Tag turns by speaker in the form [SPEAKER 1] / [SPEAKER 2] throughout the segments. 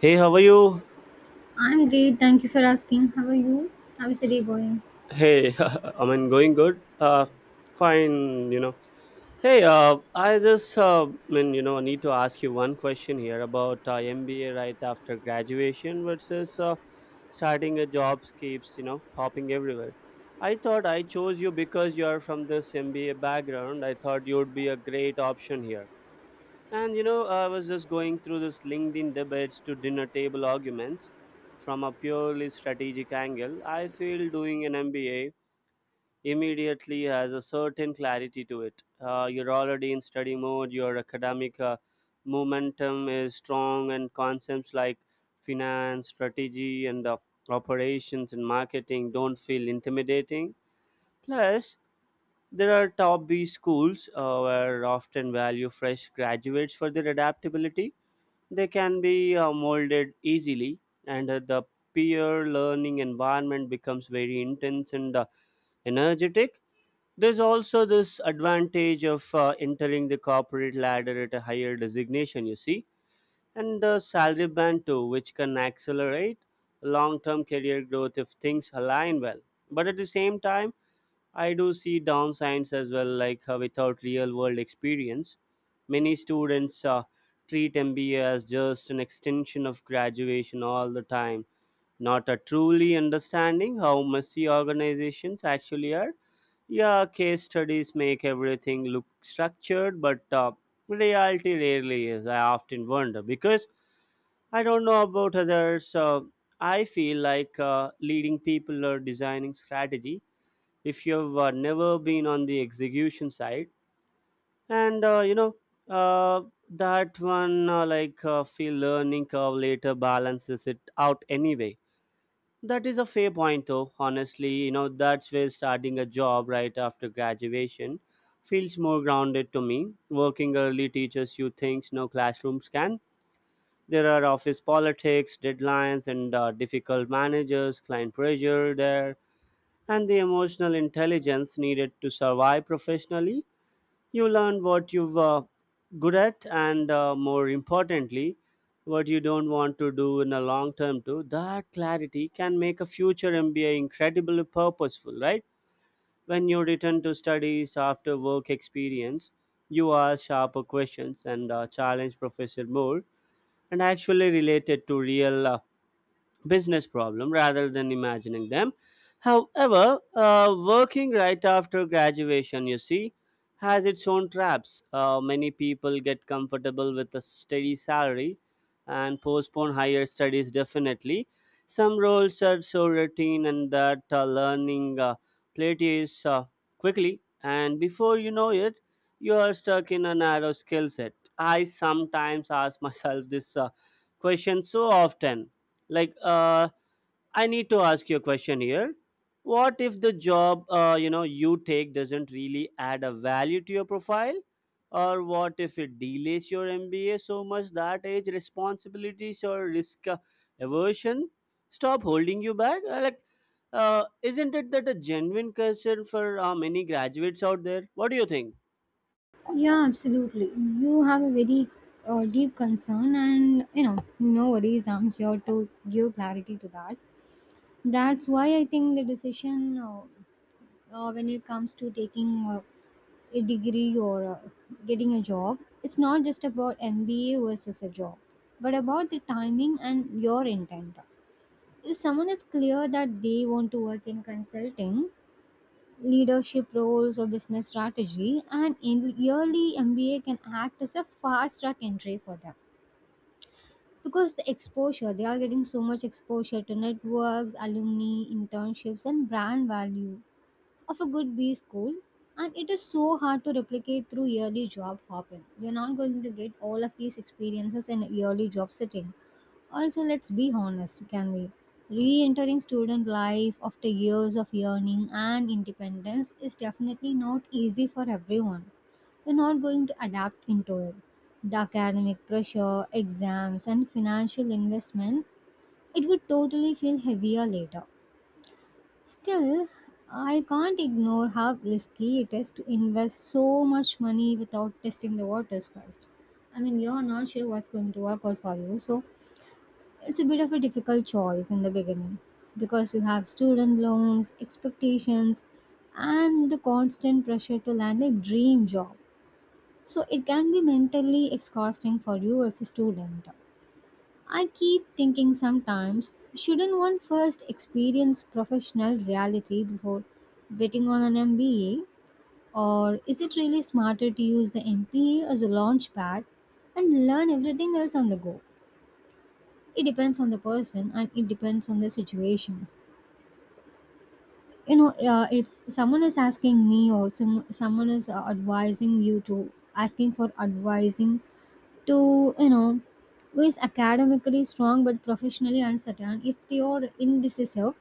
[SPEAKER 1] Hey, how are you?
[SPEAKER 2] I'm great. Thank you for asking. How are you? How is the day going?
[SPEAKER 1] Hey, going good. Fine, Hey, I just, I need to ask you one question here about MBA right after graduation versus starting a job keeps, popping everywhere. I thought I chose you because you are from this MBA background. I thought you would be a great option here. And you know, I was just going through this LinkedIn debates to dinner table arguments from a purely strategic angle. I feel doing an MBA immediately has a certain clarity to it. You're already in study mode, your academic momentum is strong, and concepts like finance, strategy, and operations and marketing don't feel intimidating. Plus, there are top B schools where often value fresh graduates for their adaptability they can be molded easily, and the peer learning environment becomes very intense and energetic. There's also this advantage of entering the corporate ladder at a higher designation, you see, and the salary band too, which can accelerate long term career growth if things align well. But at the same time, I do see downsides as well, like without real world experience. Many students treat MBA as just an extension of graduation all the time, not a truly understanding how messy organizations actually are. Yeah, case studies make everything look structured, but reality rarely is. I often wonder because I don't know about others. I feel like leading people or designing strategy if you've never been on the execution side and uh, that one feel learning curve later balances it out anyway. That is a fair point though, honestly, that's where starting a job right after graduation feels more grounded to me. Working early teaches you things no classrooms can. There are office politics, deadlines, and difficult managers, client pressure there, and the emotional intelligence needed to survive professionally. You learn what you're good at, and more importantly, what you don't want to do in the long term too. That clarity can make a future MBA incredibly purposeful, right? When you return to studies after work experience, you ask sharper questions and challenge professor more and actually related to real business problem rather than imagining them. However, working right after graduation, you see, has its own traps. Many people get comfortable with a steady salary and postpone higher studies definitely. Some roles are so routine and that learning plateaus quickly, and before you know it, you are stuck in a narrow skill set. I sometimes ask myself this question so often, like uh, I need to ask you a question here. What if the job you take doesn't really add a value to your profile, or what if it delays your MBA so much that age, responsibilities, or risk aversion stop holding you back? Uh, isn't it that a genuine concern for many graduates out there? What do you think?
[SPEAKER 2] Yeah, absolutely. You have a very deep concern, and you know, no worries. I'm here to give clarity to that. That's why I think the decision when it comes to taking a degree or getting a job, it's not just about MBA versus a job, but about the timing and your intent. If someone is clear that they want to work in consulting, leadership roles or business strategy and in yearly mba can act as a fast track entry for them because the exposure they are getting so much exposure to networks alumni internships and brand value of a good B school, and it is so hard to replicate through yearly job hopping. You're not going to get all of these experiences in a yearly job setting. Also, let's be honest, can we? Re entering student life after years of yearning and independence is definitely not easy for everyone. You're not going to adapt into it. The academic pressure, exams, and financial investment, it would totally feel heavier later. Still, I can't ignore how risky it is to invest so much money without testing the waters first. I mean, you're not sure what's going to work out for you, so it's a bit of a difficult choice in the beginning because you have student loans, expectations, and the constant pressure to land a dream job. So, it can be mentally exhausting for you as a student. I keep thinking sometimes, shouldn't one first experience professional reality before betting on an MBA? Or is it really smarter to use the MBA as a launch pad and learn everything else on the go? It depends on the person and it depends on the situation. You know, if someone is asking me or someone is advising you to asking for advising to you know who is academically strong but professionally uncertain if they are indecisive,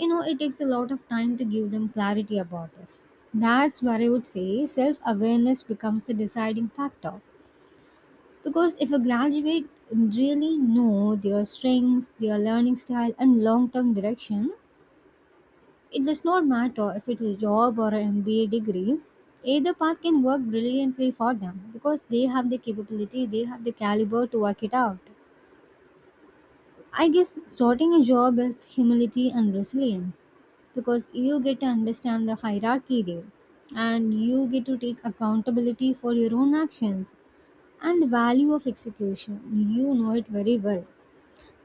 [SPEAKER 2] you know, it takes a lot of time to give them clarity about this. That's where I would say self-awareness becomes the deciding factor, because if a graduate really know their strengths, their learning style and long-term direction, it does not matter if it's a job or an mba degree. Either path can work brilliantly for them because they have the capability, they have the caliber to work it out. I guess starting a job is humility and resilience because you get to understand the hierarchy there and you get to take accountability for your own actions and the value of execution. You know it very well.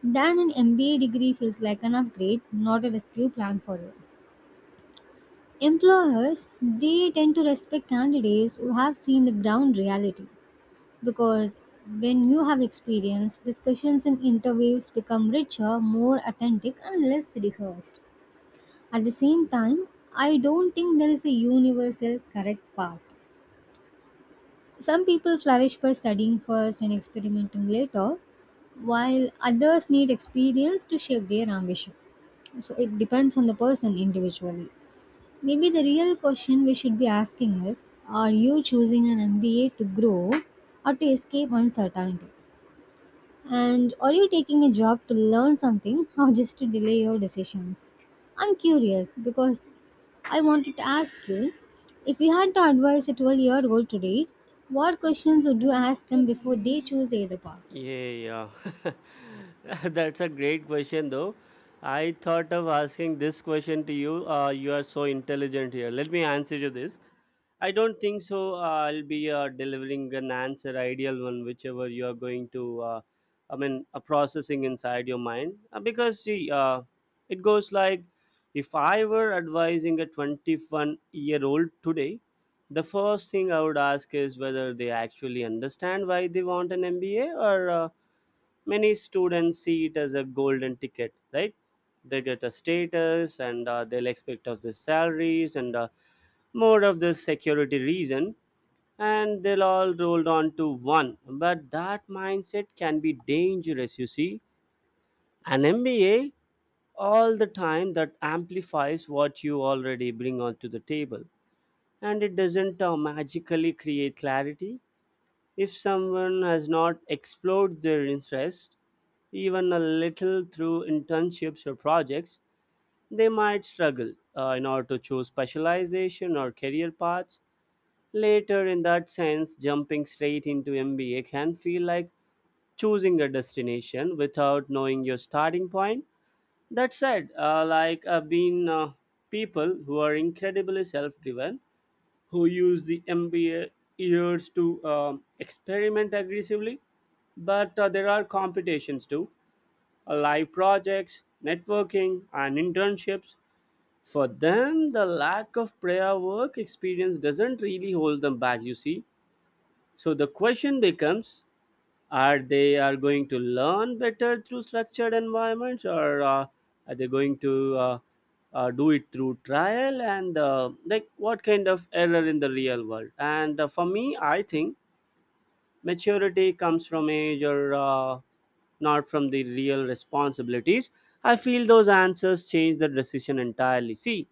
[SPEAKER 2] Then an MBA degree feels like an upgrade, not a rescue plan for you. Employers, they tend to respect candidates who have seen the ground reality because when you have experience, discussions and interviews become richer, more authentic, and less rehearsed. At the same time, I don't think there is a universal correct path. Some people flourish by studying first and experimenting later, while others need experience to shape their ambition. So it depends on the person individually. Maybe the real question we should be asking is, are you choosing an MBA to grow or to escape uncertainty? And are you taking a job to learn something or just to delay your decisions? I'm curious because I wanted to ask you, if you had to advise a 12-year-old today, what questions would you ask them before they choose either path?
[SPEAKER 1] Yeah, yeah. That's a great question, though. I thought of asking this question to you. You are so intelligent here. Let me answer you this. I don't think so. I'll be delivering an answer, ideal one, whichever you are going to, processing inside your mind. Because, see, it goes like if I were advising a 21-year-old today, the first thing I would ask is whether they actually understand why they want an MBA, or many students see it as a golden ticket, right? They get a status and they'll expect of the salaries and more of the security reason, and they'll all rolled on to one, but that mindset can be dangerous, you see. An MBA all the time that amplifies what you already bring onto the table, and it doesn't magically create clarity. If someone has not explored their interest even a little through internships or projects, they might struggle in order to choose specialization or career paths later. In that sense, jumping straight into MBA can feel like choosing a destination without knowing your starting point. That said, like I've been people who are incredibly self driven, who use the MBA years to experiment aggressively, but there are competitions too, live projects, networking, and internships. For them, the lack of prior work experience doesn't really hold them back, you see. So the question becomes: are they are going to learn better through structured environments, or are they going to do it through trial? What kind of error in the real world? And for me, I think maturity comes from age or not from the real responsibilities. I feel those answers change the decision entirely. See,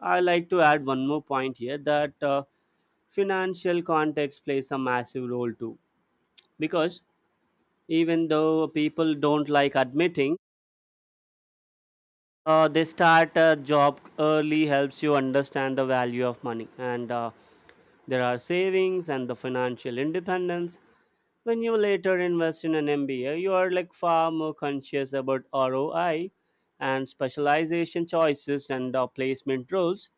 [SPEAKER 1] I like to add one more point here that financial context plays a massive role too, because even though people don't like admitting, they start a job early helps you understand the value of money and there are savings and the financial independence. When you later invest in an MBA, you are like far more conscious about ROI and specialization choices and placement rules.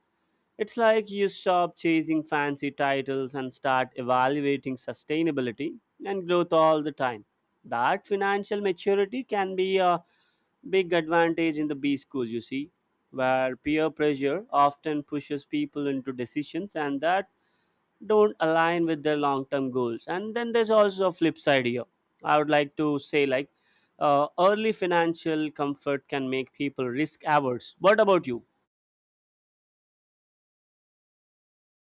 [SPEAKER 1] It's like you stop chasing fancy titles and start evaluating sustainability and growth all the time. That financial maturity can be a big advantage in the B school, you see, where peer pressure often pushes people into decisions and that don't align with their long term goals. And then there's also a flip side here. I would like to say, like, early financial comfort can make people risk averse. What about you?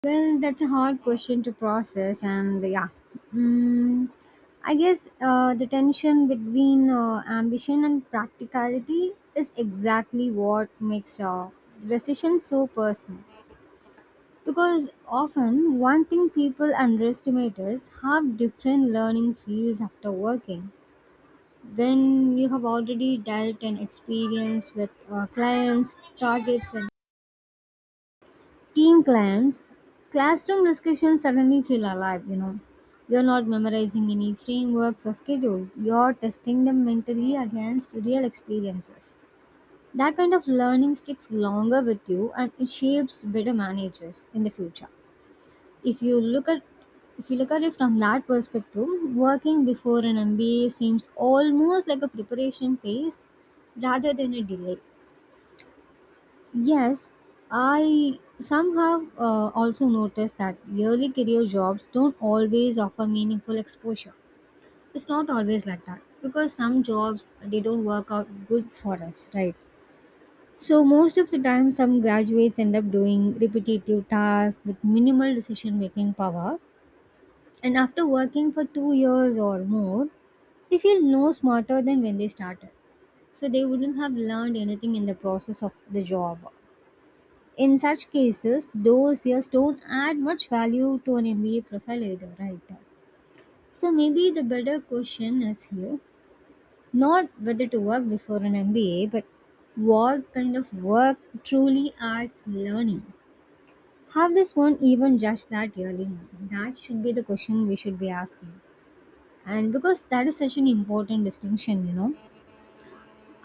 [SPEAKER 2] Well, that's a hard question to process, and yeah. Mm, I guess the tension between ambition and practicality is exactly what makes the decision so personal. Because often, one thing people underestimate is how different learning feels after working. When you have already dealt and experience with clients, targets, and team clients, classroom discussions suddenly feel alive, you know. You're not memorizing any frameworks or schedules, you're testing them mentally against real experiences. That kind of learning sticks longer with you and it shapes better managers in the future. If you look at if you look at it from that perspective, working before an MBA seems almost like a preparation phase rather than a delay. Yes, I somehow also noticed that yearly career jobs don't always offer meaningful exposure. It's not always like that because some jobs they don't work out good for us, right? So most of the time, some graduates end up doing repetitive tasks with minimal decision making power. And after working for 2 years or more, they feel no smarter than when they started. So they wouldn't have learned anything in the process of the job. In such cases, those years don't add much value to an MBA profile either, right? So maybe the better question is here, not whether to work before an MBA, but what kind of work truly adds learning. Have this one even judged that early? That should be the question we should be asking. And because that is such an important distinction, you know,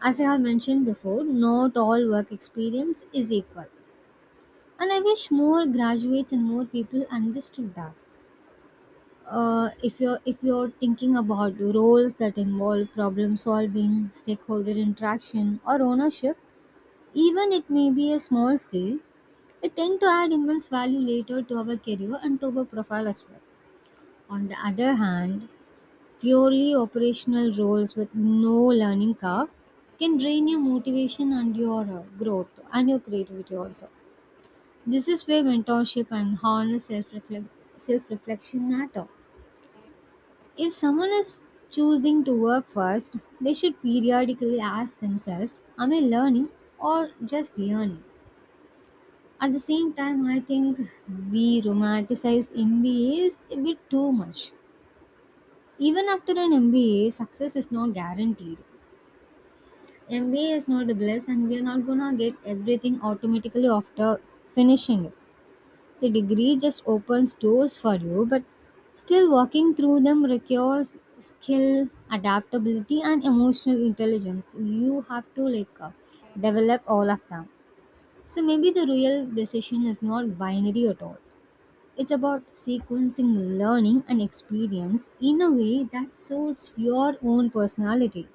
[SPEAKER 2] as I have mentioned before, not all work experience is equal, and I wish more graduates and more people understood that. Uh, if you're thinking about roles that involve problem solving, stakeholder interaction or ownership, even it may be a small scale, it tend to add immense value later to our career and to our profile as well. On the other hand, purely operational roles with no learning curve can drain your motivation and your growth and your creativity also. This is where mentorship and honest self reflection matter. If someone is choosing to work first, they should periodically ask themselves, am I learning or just learning? At the same time, I think we romanticize MBAs a bit too much. Even after an MBA, success is not guaranteed. MBA is not a bliss, and we are not gonna get everything automatically after finishing it. The degree just opens doors for you, but still walking through them requires skill, adaptability, and emotional intelligence. You have to like develop all of them. So maybe the real decision is not binary at all. It's about sequencing learning and experience in a way that suits your own personality.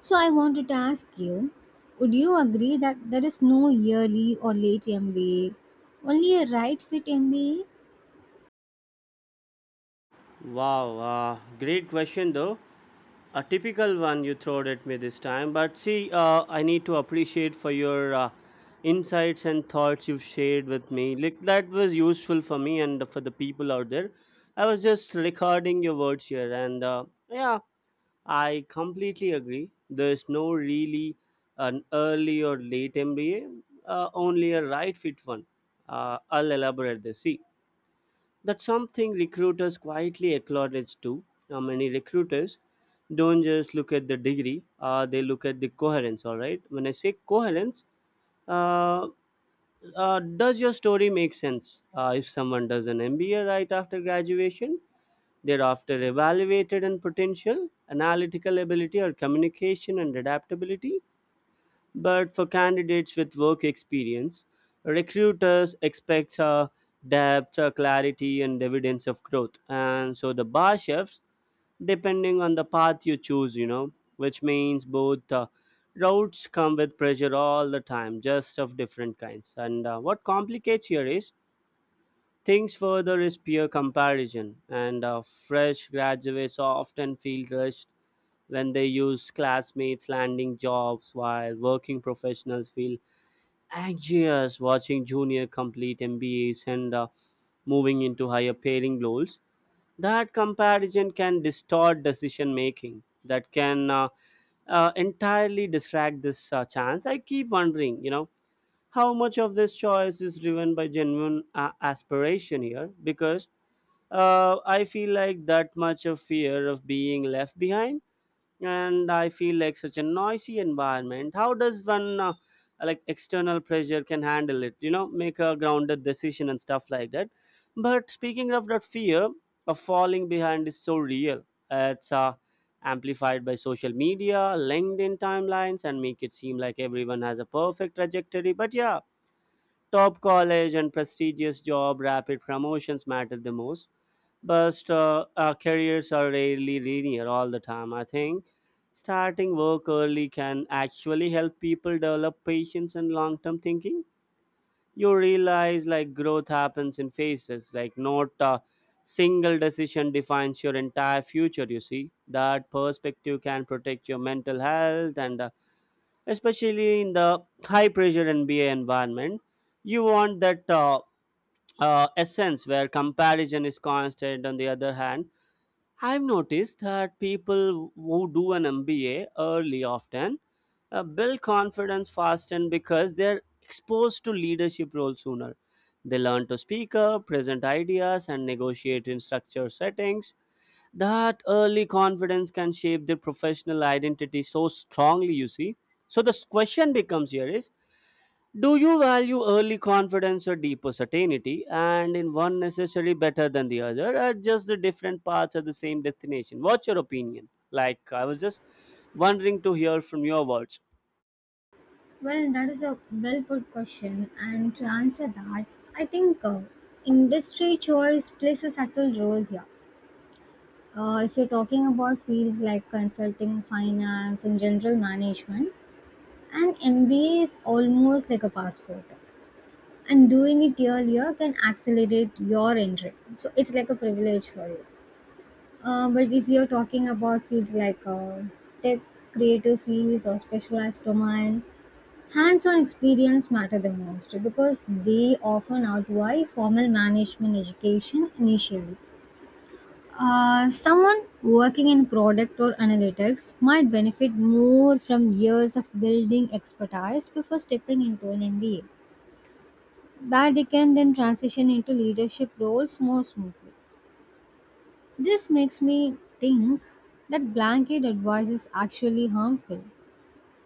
[SPEAKER 2] So I wanted to ask you, would you agree that there is no yearly or late MBA, only a right fit MBA?
[SPEAKER 1] Wow, great question though. A typical one you throwed at me this time. But see, I need to appreciate for your insights and thoughts you've shared with me. Like that was useful for me and for the people out there. I was just recording your words here, and yeah, I completely agree. There's no really an early or late MBA, only a right fit one. I'll elaborate this. See, that's something recruiters quietly acknowledge too. Many recruiters don't just look at the degree, they look at the coherence, all right? When I say coherence, uh, does your story make sense? If someone does an MBA right after graduation, they're after evaluated in potential, analytical ability, or communication and adaptability. But for candidates with work experience, recruiters expect depth, clarity, and evidence of growth. And so the bar shifts depending on the path you choose, you know, which means both routes come with pressure all the time, just of different kinds. And what complicates here is things further is peer comparison, and fresh graduates often feel rushed when they use classmates landing jobs, while working professionals feel anxious watching junior complete MBAs and moving into higher paying roles. That comparison can distort decision making, that can entirely distract this chance. I keep wondering, you know, how much of this choice is driven by genuine aspiration here, because I feel like that much of fear of being left behind, and I feel like such a noisy environment. How does one like external pressure can handle it, you know, make a grounded decision and stuff like that? But speaking of that, fear of falling behind is so real. It's amplified by social media, LinkedIn timelines, and make it seem like everyone has a perfect trajectory. But yeah, top college and prestigious job, rapid promotions matters the most, but our careers are rarely linear all the time. I think starting work early can actually help people develop patience and long term thinking. You realize like growth happens in phases, like not a single decision defines your entire future. You see, that perspective can protect your mental health and especially in the high pressure NBA environment. You want that essence where comparison is constant. On the other hand, I've noticed that people who do an MBA early often build confidence fast and because they're exposed to leadership roles sooner. They learn to speak up, present ideas, and negotiate in structured settings. That early confidence can shape their professional identity so strongly, you see. So the question becomes here is, do you value early confidence or deeper certainty, and in one necessarily better than the other, or just the different paths of the same destination? What's your opinion? Like, I was just wondering to hear from your words.
[SPEAKER 2] Well, that is a well put question, and to answer that, I think industry choice plays a subtle role here. If you're talking about fields like consulting, finance, and general management, an MBA is almost like a passport, and doing it earlier can accelerate your entry. So it's like a privilege for you. But if you're talking about fields like tech, creative fields, or specialized domain, hands-on experience matter the most because they often outweigh formal management education initially. Someone working in product or analytics might benefit more from years of building expertise before stepping into an MBA, that they can then transition into leadership roles more smoothly. This makes me think that blanket advice is actually harmful.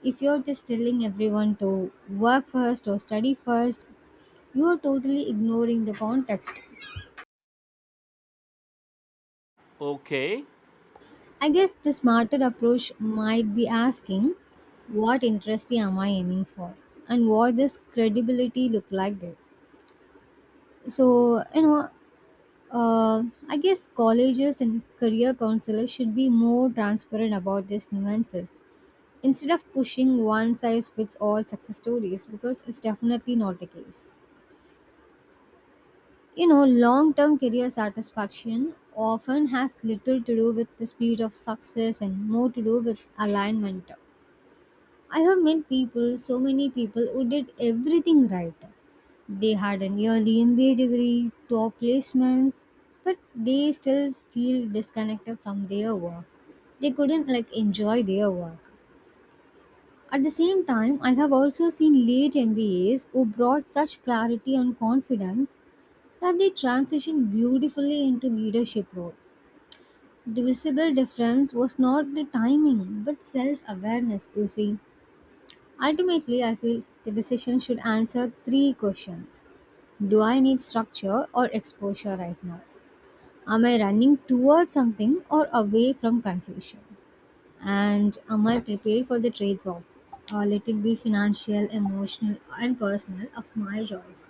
[SPEAKER 2] If you're just telling everyone to work first or study first, you are totally ignoring the context.
[SPEAKER 1] Okay.
[SPEAKER 2] I guess the smarter approach might be asking, what interest am I aiming for and what does credibility look like there? So, you know, I guess colleges and career counselors should be more transparent about these nuances instead of pushing one size fits all success stories because it's definitely not the case. You know, long term career satisfaction often has little to do with the speed of success and more to do with alignment. I have met people, so many people, who did everything right. They had an yearly MBA degree, top placements, but they still feel disconnected from their work. They couldn't like enjoy their work. At the same time, I have also seen late MBAs who brought such clarity and confidence that they transitioned beautifully into leadership role. The visible difference was not the timing but self-awareness, you see. Ultimately, I feel the decision should answer 3 questions. Do I need structure or exposure right now? Am I running towards something or away from confusion? And am I prepared for the trades off? Let it be financial, emotional, and personal of my choice.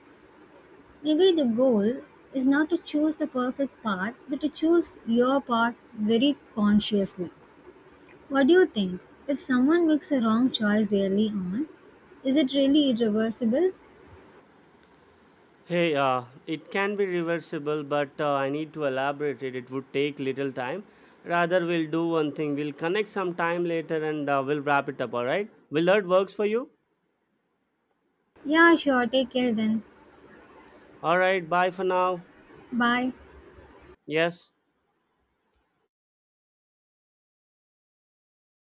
[SPEAKER 2] Maybe the goal is not to choose the perfect path, but to choose your path very consciously. What do you think? If someone makes a wrong choice early on, is it really irreversible?
[SPEAKER 1] Hey, it can be reversible, but I need to elaborate it. It would take little time. Rather, we'll do one thing. We'll connect some time later and we'll wrap it up, all right? Will that works for you?
[SPEAKER 2] Yeah, sure, take care then.
[SPEAKER 1] All right, bye for now.
[SPEAKER 2] Bye.
[SPEAKER 1] Yes.